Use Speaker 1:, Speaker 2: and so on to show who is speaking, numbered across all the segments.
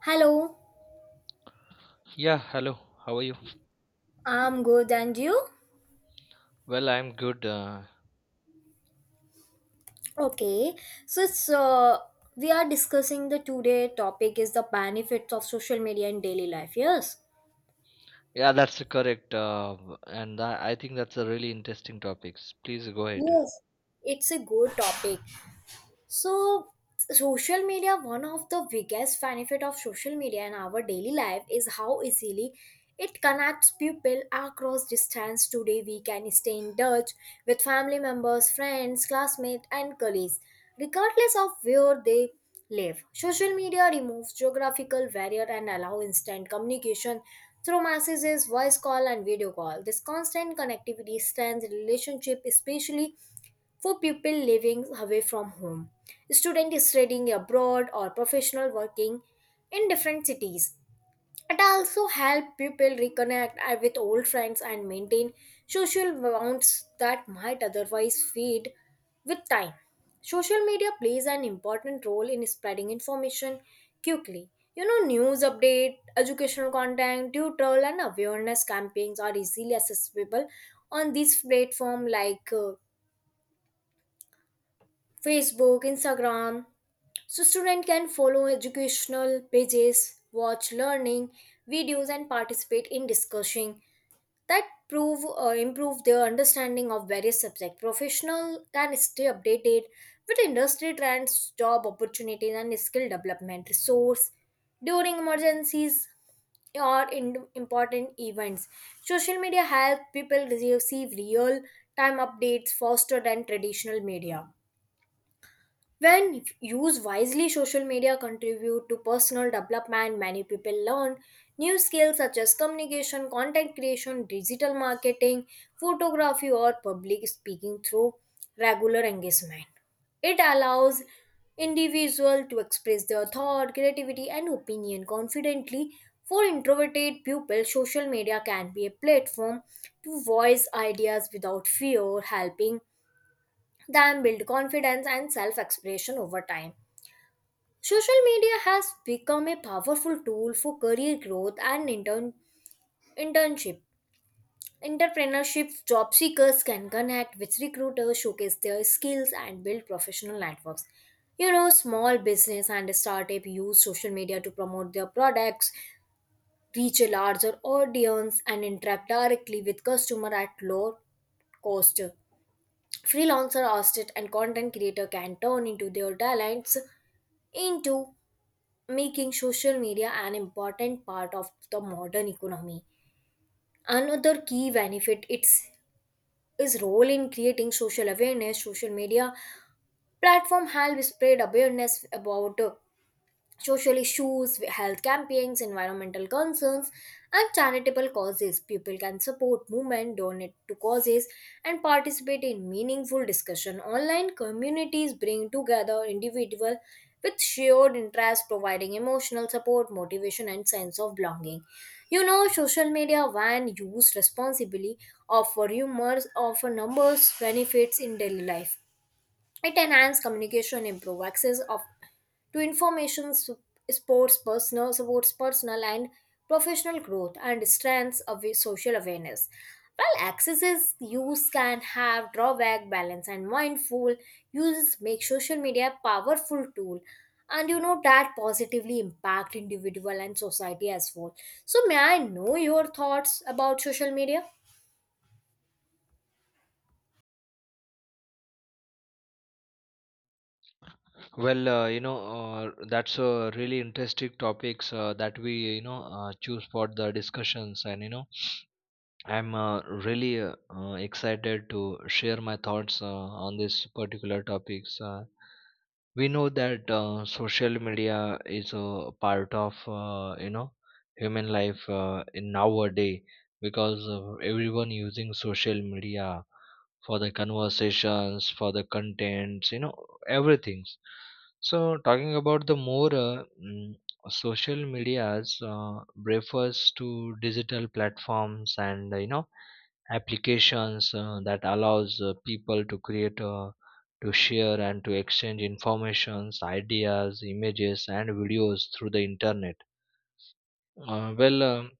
Speaker 1: Hello,
Speaker 2: Yeah, hello. How are you?
Speaker 1: I'm good, and you?
Speaker 2: Well, I'm good. Uh,
Speaker 1: Okay, so we are discussing the today topic is the benefits of social media in daily life. Yes.
Speaker 2: yeah, that's correct. And I think that's a really interesting topics. Please go ahead.
Speaker 1: Yes. It's a good topic. So, social media, one of the biggest benefit of social media in our daily life is how easily it connects people across distance. Today, we can stay in touch with family members, friends, classmates, and colleagues, regardless of where they live. Social media removes geographical barrier and allow instant communication through messages, voice call, and video call. This constant connectivity strengthens relationship, especially for people living away from home, students studying abroad, or professional working in different cities. It also helps people reconnect with old friends and maintain social bonds that might otherwise fade with time. Social media plays an important role in spreading information quickly. You know, news update, educational content, tutorial, and awareness campaigns are easily accessible on these platforms like Facebook, Instagram. So students can follow educational pages, watch learning videos and participate in discussion that prove improve their understanding of various subjects. Professional can stay updated with industry trends, job opportunities and skill development resource during emergencies or in important events. Social media help people receive real time updates faster than traditional media. When used wisely, social media contribute to personal development. Many people learn new skills such as communication, content creation, digital marketing, photography, or public speaking through regular engagement. It allows individual to express their thought, creativity, and opinion confidently. For introverted pupils, social media can be a platform to voice ideas without fear, helping than build confidence and self expression over time. Social media has become a powerful tool for career growth and internship. Entrepreneurship job seekers can connect with recruiters, showcase their skills, and build professional networks. You know, small business and startup use social media to promote their products, reach a larger audience, and interact directly with customer at low cost. Freelancer, artist, and content creator can turn into their talents into making social media an important part of the modern economy. Another key benefit its is role in creating social awareness. Social media platform help spread awareness about social issues, health campaigns, environmental concerns, and charitable causes. People can support movement, donate to causes, and participate in meaningful discussion. Online communities bring together individuals with shared interests, providing emotional support, motivation, and sense of belonging. You know, social media, when used responsibly, offer numbers benefits in daily life. It enhances communication, improve access of to information, sports personal, supports personal and professional growth, and strengths of social awareness. While accesses use can have drawback, balance, and mindful uses make social media a powerful tool, and you know that positively impact individual and society as well. So, may I know your thoughts about social media?
Speaker 2: That's a really interesting topics that we choose for the discussions and you know. I'm really excited to share my thoughts on this particular topics. We know that social media is a part of human life in nowadays because of everyone using social media for the conversations, for the contents, everything. So talking about the more, mm, social medias refers to digital platforms and, applications that allows people to create, to share, and to exchange informations, ideas, images, and videos through the internet. uh, well um,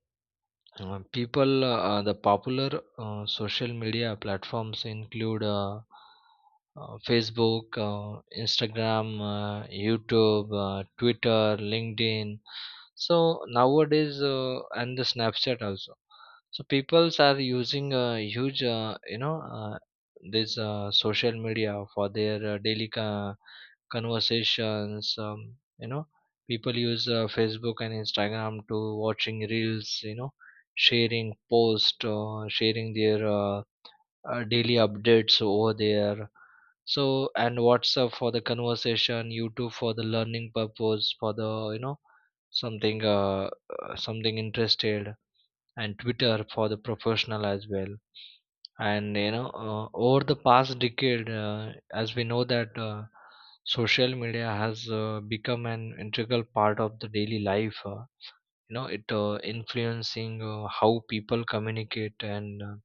Speaker 2: People, the popular social media platforms include, Facebook, Instagram, YouTube, Twitter, LinkedIn. So nowadays, and the Snapchat also. So peoples are using a huge, you know, this social media for their daily conversations. People use Facebook and Instagram to watching reels, sharing posts, sharing their daily updates over there. So and WhatsApp for the conversation, YouTube for the learning purpose, for the, something uh, something interested, and Twitter for the professional as well. And you know Over the past decade, as we know that social media has become an integral part of the daily life. It influencing how people communicate, and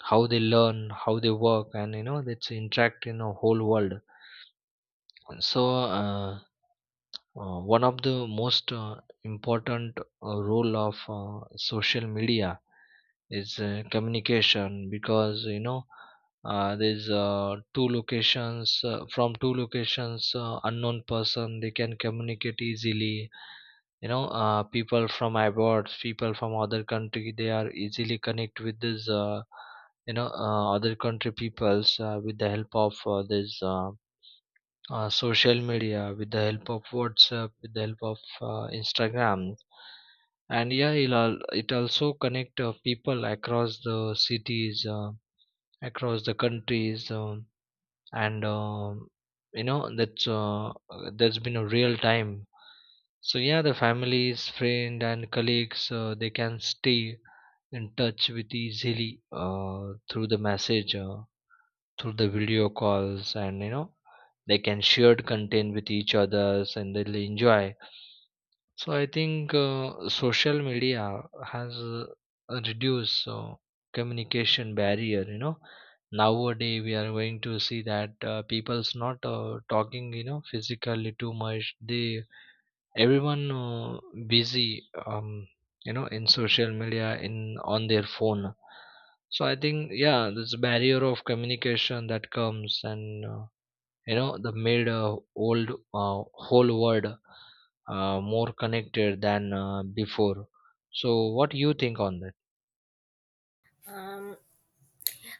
Speaker 2: how they learn, how they work, and, it's interact in a whole world. So uh, one of the most important role of social media is communication, because, you know there's two locations from two locations unknown person, they can communicate easily. People from abroad, people from other country, they are easily connect with this, other country peoples with the help of this social media, with the help of WhatsApp, with the help of, Instagram, and yeah, it also connect people across the cities, across the countries, and you know that's been a real time. So yeah, the families, friend, and colleagues they can stay in touch with easily through the message, through the video calls, and, they can share content with each others and they'll enjoy. So I think social media has uh, reduced communication barrier. Nowadays we are going to see that people's not talking, physically too much they, everyone busy, um, in social media, in on their phone. So I think yeah, this barrier of communication that comes, and the made old uh, whole world more connected than before. So what do you think on that?
Speaker 1: Um,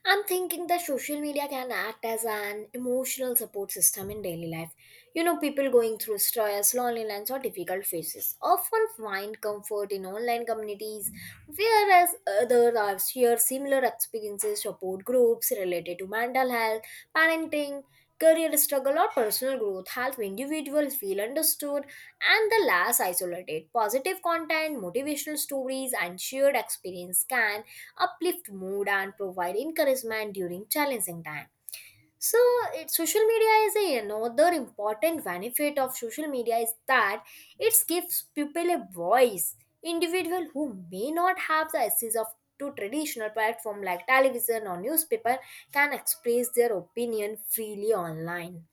Speaker 1: I'm thinking that social media can act as an emotional support system in daily life. You know, people going through stress, loneliness, or difficult phases often find comfort in online communities, whereas others have shared similar experiences, support groups related to mental health, parenting, career struggle, or personal growth help individuals feel understood and the less isolated. Positive content, motivational stories, and shared experience can uplift mood and provide encouragement during challenging time so social media is another important benefit of social media is that it gives people a voice individual who may not have the access of to traditional platform like television or newspaper can express their opinion freely online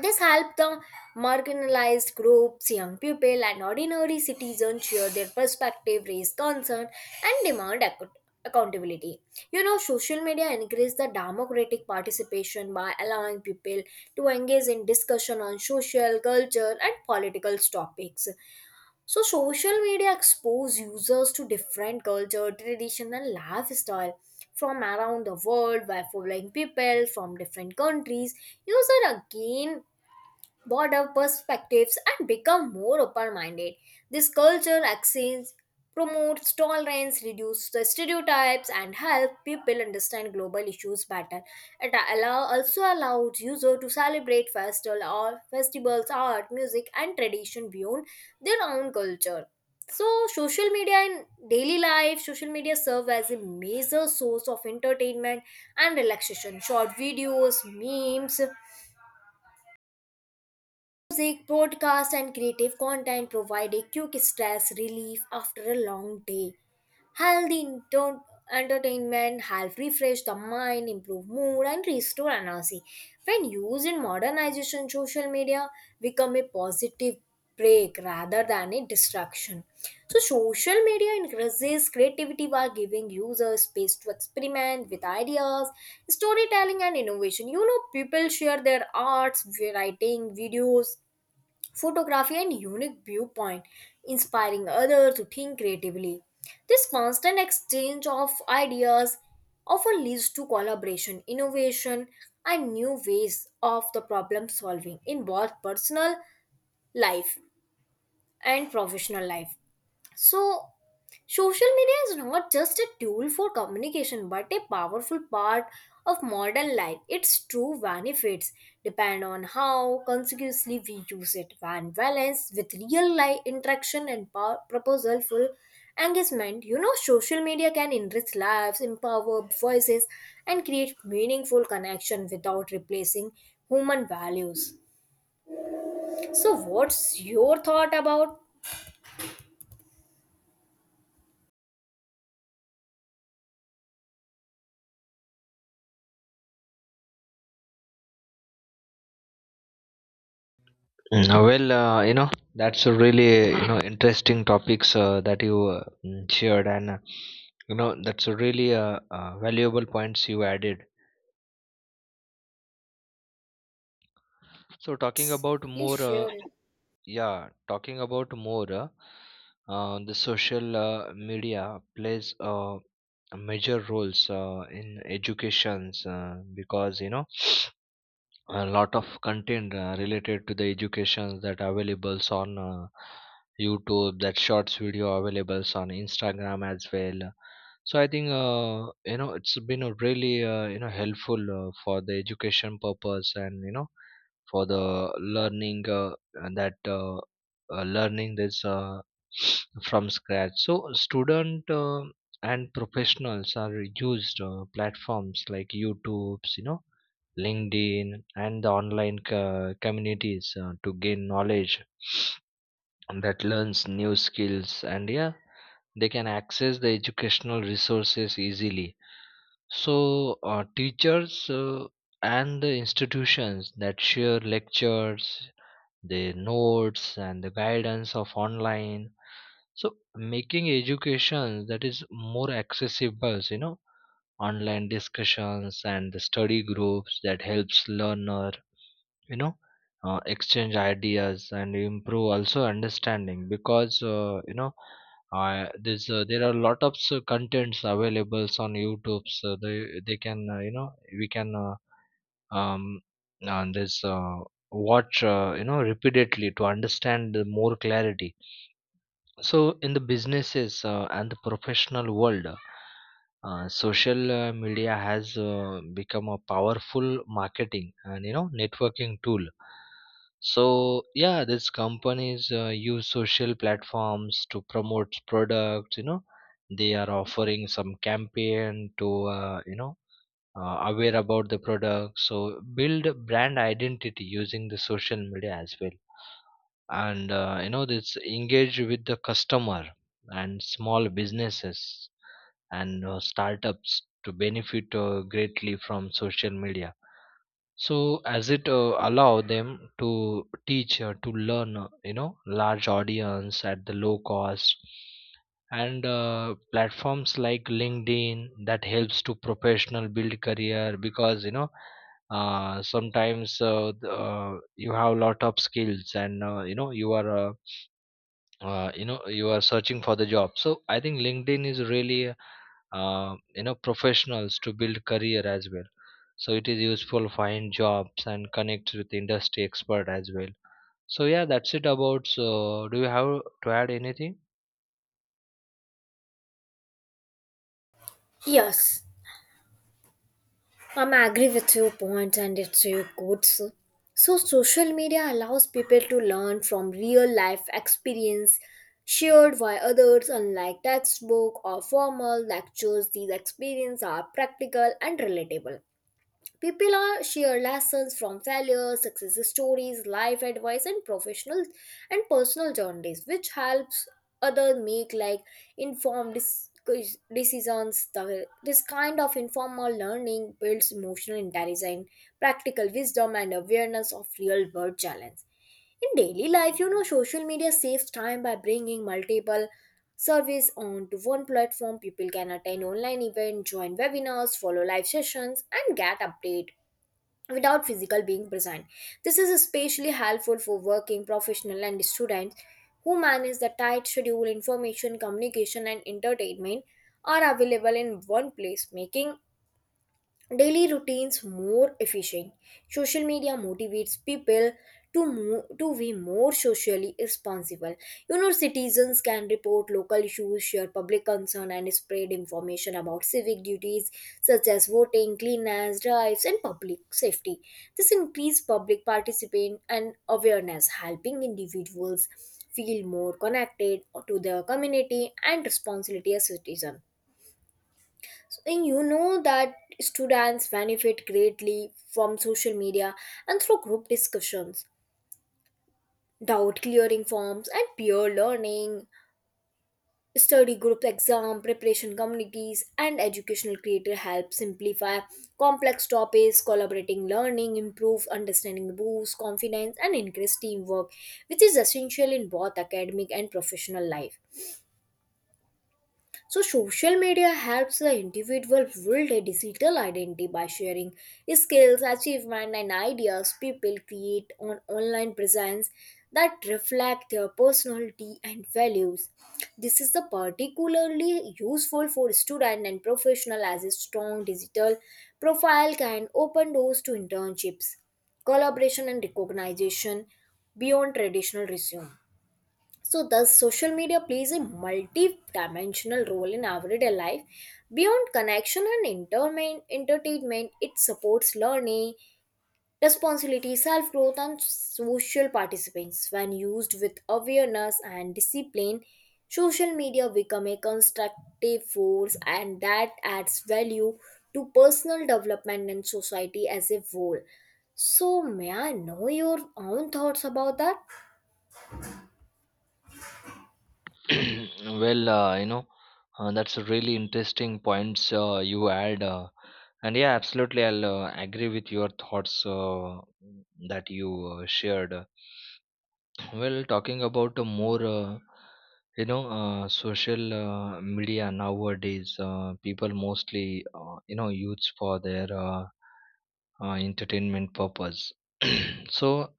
Speaker 1: this helped the marginalized groups, young people, and ordinary citizens share their perspective, raise concern, and accountability. You know, social media increased the democratic participation by allowing people to engage in discussion on social, culture, and political topics. So, social media expose users to different culture, tradition, and lifestyle from around the world by following people from different countries. User again broader perspectives and become more open-minded. This culture exchange promotes tolerance, reduces the stereotypes, and help people understand global issues better. Also allows users to celebrate festival or festivals, art, music, and tradition beyond their own culture. So, social media in daily life, social media serve as a major source of entertainment and relaxation. Short videos, memes, music, broadcast, and creative content provide a quick stress relief after a long day. Healthy ento- entertainment help refresh the mind, improve mood, and restore energy. When used in modernization, social media become a positive break rather than a distraction. So, social media encourages creativity by giving users space to experiment with ideas, storytelling, and innovation. You know, people share their arts, writing, videos, photography and unique viewpoint, inspiring others to think creatively. This constant exchange of ideas often leads to collaboration, innovation, and new ways of the problem solving in both personal life and professional life. So, social media is not just a tool for communication but a powerful part of modern life. Its true benefits depend on how consciously we use it. When balanced with real life interaction and proposalful engagement, you know, social media can enrich lives, empower voices, and create meaningful connection without replacing human values. So, what's your thought about?
Speaker 2: Mm, uh, well uh, you know that's a really, interesting topics that you shared. And, that's a really valuable points you added. So talking about
Speaker 1: Please
Speaker 2: more,
Speaker 1: share it.
Speaker 2: yeah, talking about more, the social media plays a major roles in educations, because, a lot of content related to the educations that are available on, YouTube, that shorts video available on Instagram as well. So I think, it's been a really, helpful for the education purpose, and, for the learning, that learning this from scratch. So student and professionals are used platforms like YouTubes, LinkedIn, and the online communities to gain knowledge that learns new skills, and yeah, they can access the educational resources easily. So teachers and the institutions that share lectures, the notes, and the guidance of online, so making education that is more accessible. Online discussions and the study groups that helps learner, you know exchange ideas, and improve also understanding, because, there are a lot of contents available on YouTube, so they can, you know we can um, and this watch, repeatedly to understand the more clarity. So in the businesses and the professional world, social media has become a powerful marketing and, networking tool. So yeah, these companies use social platforms to promote products. They are offering some campaign to, aware about the product, so build brand identity using the social media as well. And, this engage with the customer, and small businesses, and startups to benefit greatly from social media. So as it allow them to teach, to learn, large audience at the low cost. And platforms like LinkedIn that helps to professional build career, because, you have a lot of skills, and, you know you are you know you are searching for the job. So I think LinkedIn is really, professionals to build career as well. So it is useful find jobs and connect with industry expert as well. So yeah, that's it about. So do you have to add anything?
Speaker 1: Yes. I'm agree with your point and it's your quotes. So, social media allows people to learn from real life experience shared by others, unlike textbook or formal lectures. These experiences are practical and relatable. People are share lessons from failure, success stories, life advice, and professional and personal journeys, which helps other make like informed dis- decisions. This kind of informal learning builds emotional intelligence, practical wisdom, and awareness of real world challenge. In daily life, you know, social media saves time by bringing multiple service on to one platform. People can attend online events, join webinars, follow live sessions, and get update without physical being present. This is especially helpful for working professional and students who manage the tight schedule. Information, communication, and entertainment are available in one place, making daily routines more efficient. Social media motivates people to move, to be more socially responsible. You know, citizens can report local issues, share public concern, and spread information about civic duties such as voting, cleanliness, drives, and public safety. This increases public participation and awareness, helping individuals feel more connected to their community and responsibility as citizens. And you know that students benefit greatly from social media and through group discussions, doubt clearing forms, and peer learning. Study group exam preparation communities and educational creator help simplify complex topics, collaborating learning, improves understanding, boosts confidence, and increase teamwork, which is essential in both academic and professional life. So, social media helps the individual build a digital identity by sharing skills, achievement, and ideas people create an online presence that reflect their personality and values. This is the particularly useful for student and professional as a strong digital profile can open doors to internships, collaboration, and recognition beyond traditional resume. So, thus, social media plays a multi dimensional role in everyday life. Beyond connection and entertainment, it supports learning, responsibility, self growth, and social participants. When used with awareness and discipline, social media become a constructive force and that adds value to personal development and society as a whole. So, may I know your own thoughts about that?
Speaker 2: well uh, you know that's a really interesting points you add, and yeah, absolutely, I'll agree with your thoughts that you shared. Well, talking about a more, social media nowadays, people mostly, use for their entertainment purpose. So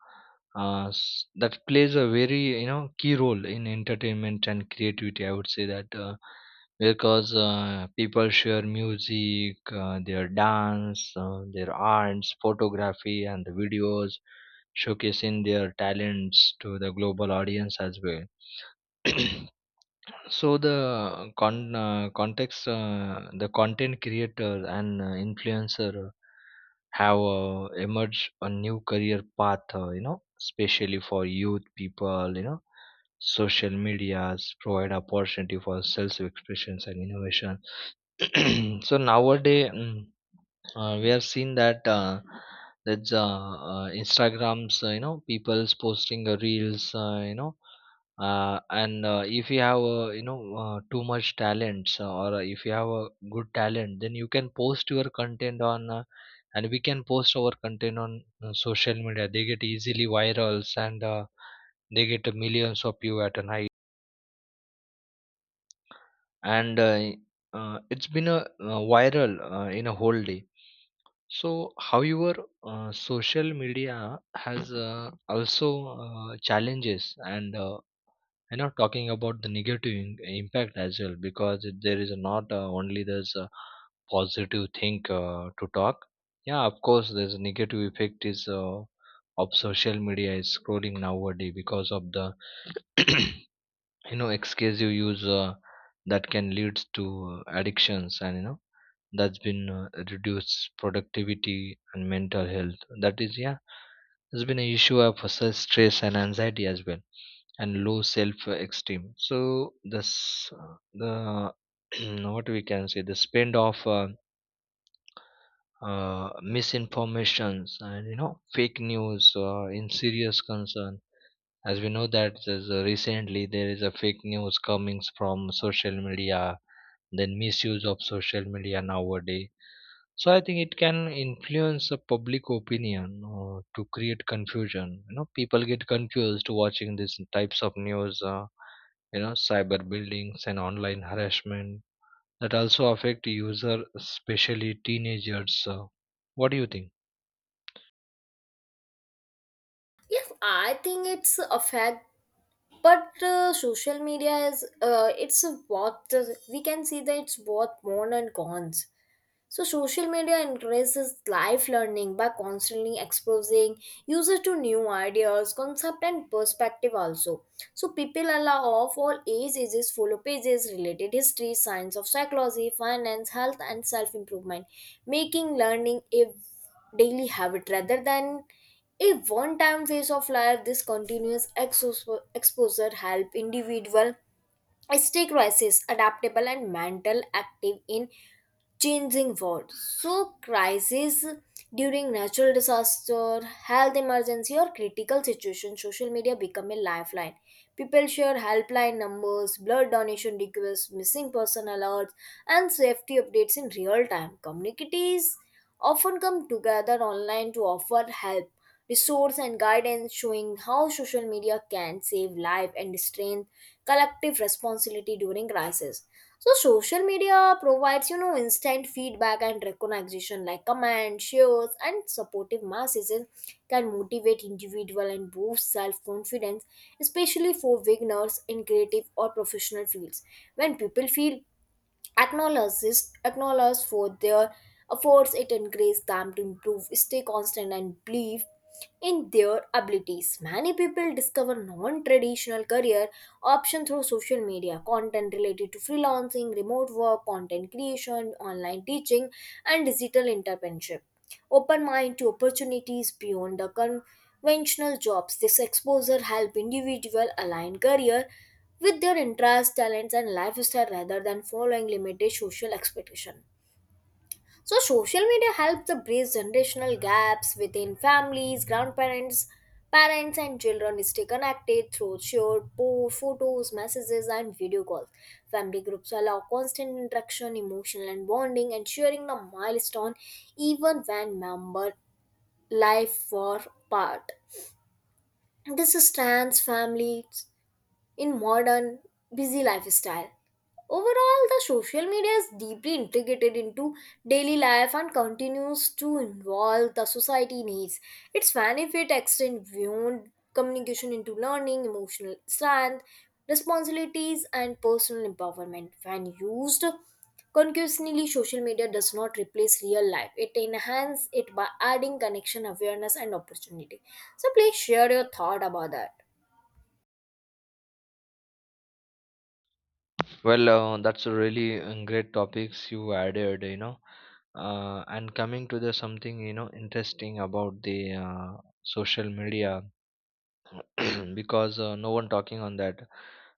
Speaker 2: that plays a very, key role in entertainment and creativity. I would say that because people share music, their dance, their arts, photography, and the videos showcasing their talents to the global audience as well. So the content creator and influencer have emerged a new career path. Especially for youth people. Social medias provide opportunity for self expressions and innovation. So nowadays. We have seen that that's Instagrams, people's posting reels, you know and if you have, too much talents, or if you have a good talent, then you can post your content on and we can post our content on social media, they get easily virals, and they get millions of view at a night, and it's been a viral in a whole day. So however, social media has also challenges, and, talking about the negative impact as well, because there is not only there's a positive thing to talk. Yeah, of course, there's a negative effect is of social media is scrolling nowadays because of the excessive use that can lead to addictions, and, that's been reduced productivity and mental health, that is yeah, has been an issue of such stress and anxiety as well, and low self esteem. So this the what we can say, the spend of misinformations, and, fake news in serious concern. As we know that recently there is a fake news coming from social media, then misuse of social media nowadays. So I think it can influence the public opinion to create confusion. You know, people get confused watching these types of news. Cyber buildings and online harassment that also affect user, especially teenagers. What do you think?
Speaker 1: Yes, I think it's affect but social media is it's a what we can see that it's both more and cons so social media encourages life learning by constantly exposing users to new ideas, concept and perspective also. So people allow of all age ages follow pages related history, science of psychology, finance, health and self-improvement, making learning a daily habit rather than a one-time phase of life. This continuous exposure help individual stay crisis adaptable and mental active in changing world. So, crises during natural disaster, health emergency, or critical situation, social media become a lifeline. People share helpline numbers, blood donation requests, missing person alerts, and safety updates in real time. Communities often come together online to offer help, resource, and guidance, showing how social media can save life and strengthen collective responsibility during crisis. So social media provides, you know, instant feedback and recognition like comments, shares, and supportive masses and can motivate individual and boost self-confidence, especially for beginners in creative or professional fields. When people feel acknowledges acknowledged for their efforts it encourages them to improve stay constant and believe in their abilities many people discover non-traditional career options through social media content related to freelancing remote work content creation online teaching and digital entrepreneurship open mind to opportunities beyond the conventional jobs this exposure help individual align career with their interests, talents, and lifestyle rather than following limited social expectation. So, social media helps to bridge generational gaps within families, grandparents, parents, and children stay connected through shared posts, photos, messages, and video calls. Family groups allow constant interaction, emotional and bonding, and sharing the milestone even when member life far apart. This strengthens families in modern busy lifestyle. Overall, the social media is deeply integrated into daily life and continues to involve the society needs. Its benefit extend beyond communication into learning emotional strength, responsibilities and personal empowerment when used concurrently, social media does not replace real life. It enhances it by adding connection, awareness, and opportunity. So please share your thought about that.
Speaker 2: Well, that's a really great topics you added, you know. And coming to the something, interesting about the social media because no one talking on that,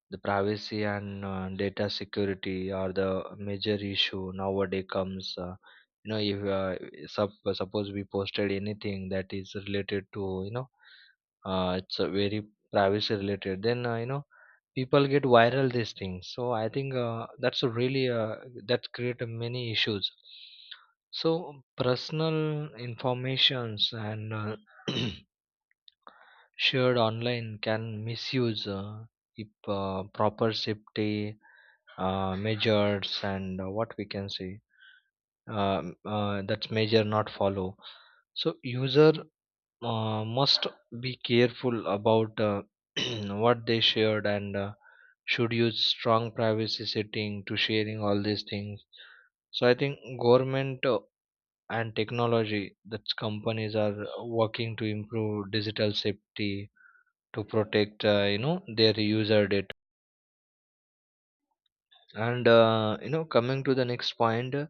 Speaker 2: the privacy and data security are the major issue nowadays comes, if sup suppose we posted anything that is related to, it's a very privacy related, then, people get viral these things. So I think that's a really, that create a many issues. So personal informations and, shared online can misuse, if proper safety measures, and what we can say, that's measure not follow. So user must be careful about, what they shared, and, should use strong privacy setting to sharing all these things. So I think government and technology that companies are working to improve digital safety to protect, their user data. And, coming to the next point,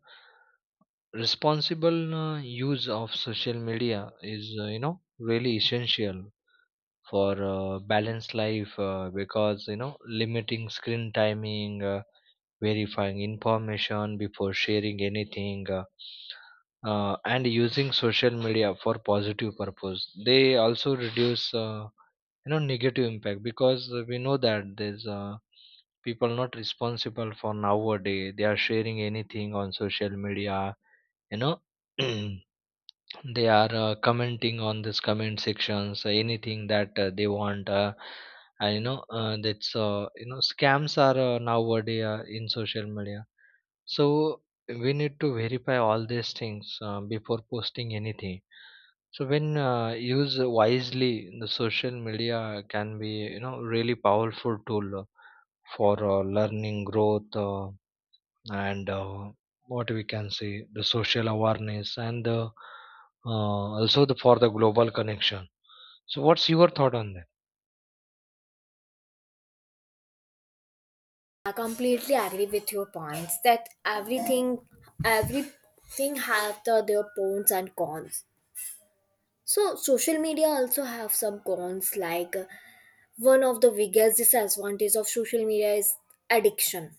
Speaker 2: responsible use of social media is, really essential for balanced life, because, limiting screen timing, verifying information before sharing anything, and using social media for positive purpose, they also reduce, negative impact, because we know that there's people not responsible for nowadays, they are sharing anything on social media. you know They are commenting on this comment sections, anything that they want. And you know, that's you know, Scams are nowadays in social media. So we need to verify all these things before posting anything. So when used wisely, the social media can be, really powerful tool for learning growth. And what we can say, the social awareness, and the, uh, also the, for the global connection. So what's your thought on that?
Speaker 1: I completely agree with your points that everything have the, their pros and cons. So social media also have some cons like one of the biggest disadvantage of social media is addiction.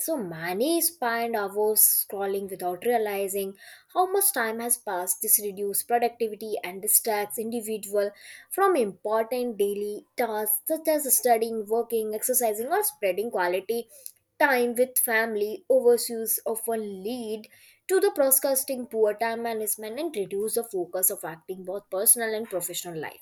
Speaker 1: So many spend hours scrolling without realizing how much time has passed. This reduces productivity and distracts individual from important daily tasks such as studying, working, exercising, or spreading quality time with family. Overuse often lead to the procrastinating, poor time management, and reduce the focus of acting both personal and professional life.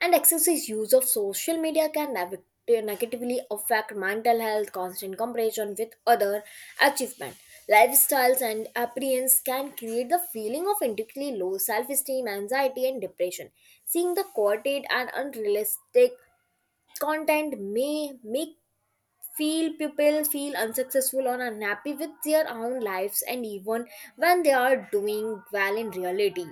Speaker 1: And excessive use of social media can negatively affect mental health. Constant comparison with other achievement, lifestyles and appearance can create the feeling of indirectly low self-esteem, anxiety and depression. Seeing the quoted and unrealistic content may make feel people feel unsuccessful or unhappy with their own lives and even when they are doing well in reality.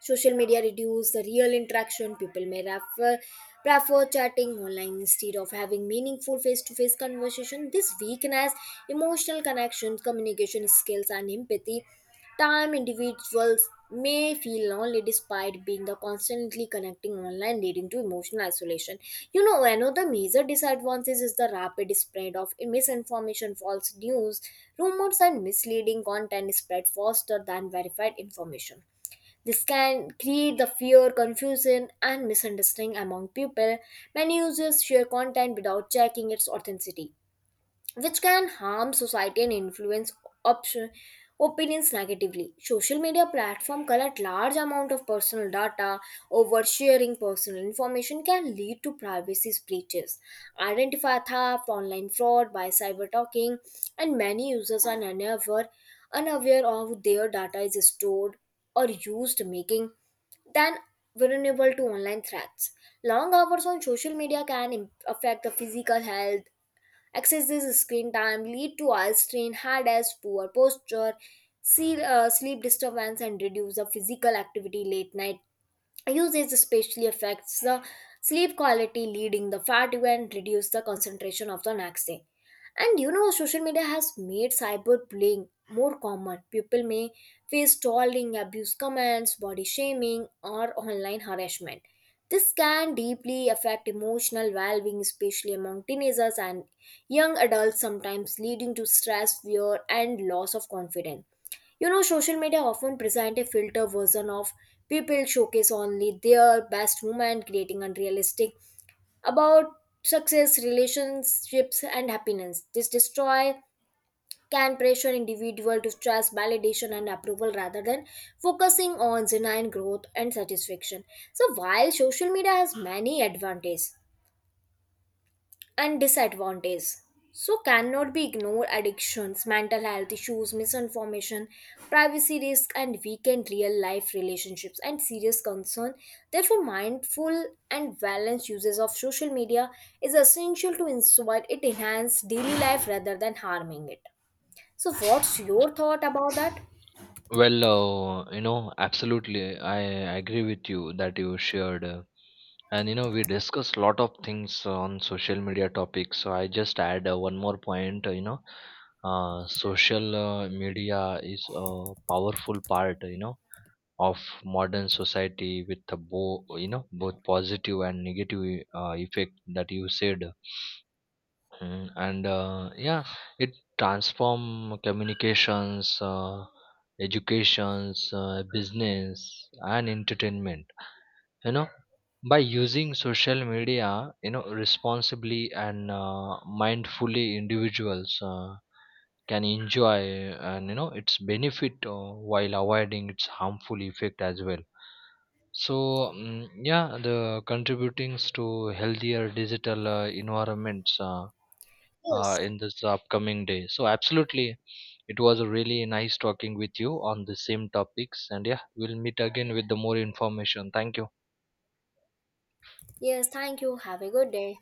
Speaker 1: Social media reduce the real interaction. People may prefer chatting online instead of having meaningful face-to-face conversation. This weakness, emotional connections, communication skills, and empathy time individuals may feel lonely despite being the constantly connecting online, leading to emotional isolation. You know, another major disadvantage is the rapid spread of misinformation. False news, rumors and misleading content spread faster than verified information. This can create the fear, confusion, and misunderstanding among people. Many users share content without checking its authenticity, which can harm society and influence option, opinions negatively. Social media platform collect large amount of personal data. Oversharing personal information can lead to privacy breaches, identify theft, online fraud by cyber talking, and many unaware of their data is stored or used, making than vulnerable to online threats. Long hours on social media can affect the physical health. Excessive screen time lead to eye strain, headaches, poor posture, see, sleep disturbance, and reduce the physical activity. Late night usage especially affects the sleep quality, leading the fatigue and reduce the concentration of the next day. And you know, social media has made cyberbullying more common. People may face trolling, abuse comments, body shaming or online harassment. This can deeply affect emotional well-being, especially among teenagers and young adults, sometimes leading to stress, fear and loss of confidence. You know, social media often present a filter version of people, showcase only their best moment, creating unrealistic about success, relationships, and happiness. This destroy can pressure individual to stress validation and approval rather than focusing on genuine growth and satisfaction. So while social media has many advantages, and disadvantage so cannot be ignored, addictions, mental health issues, misinformation, privacy risk and weakened real life relationships and serious concern. Therefore mindful and balanced uses of social media is essential to ensure it enhance daily life rather than harming it. So what's your thought about that?
Speaker 2: Well, absolutely. I agree with you that you shared. And, you know, we discussed a lot of things on social media topics. So I just add one more point, social media is a powerful part, you know, of modern society with the you know, both positive and negative effect that you said. Mm, and Yeah, it transform communications, educations, business, and entertainment. you know by using social media, responsibly, and mindfully, individuals can enjoy, and, its benefit while avoiding its harmful effect as well. So yeah, the contributing to healthier digital environments,
Speaker 1: Yes.
Speaker 2: in this upcoming day. So absolutely, it was really nice talking with you on the same topics. And yeah, we'll meet again with the more information. Thank you.
Speaker 1: Yes, thank you, have a good day.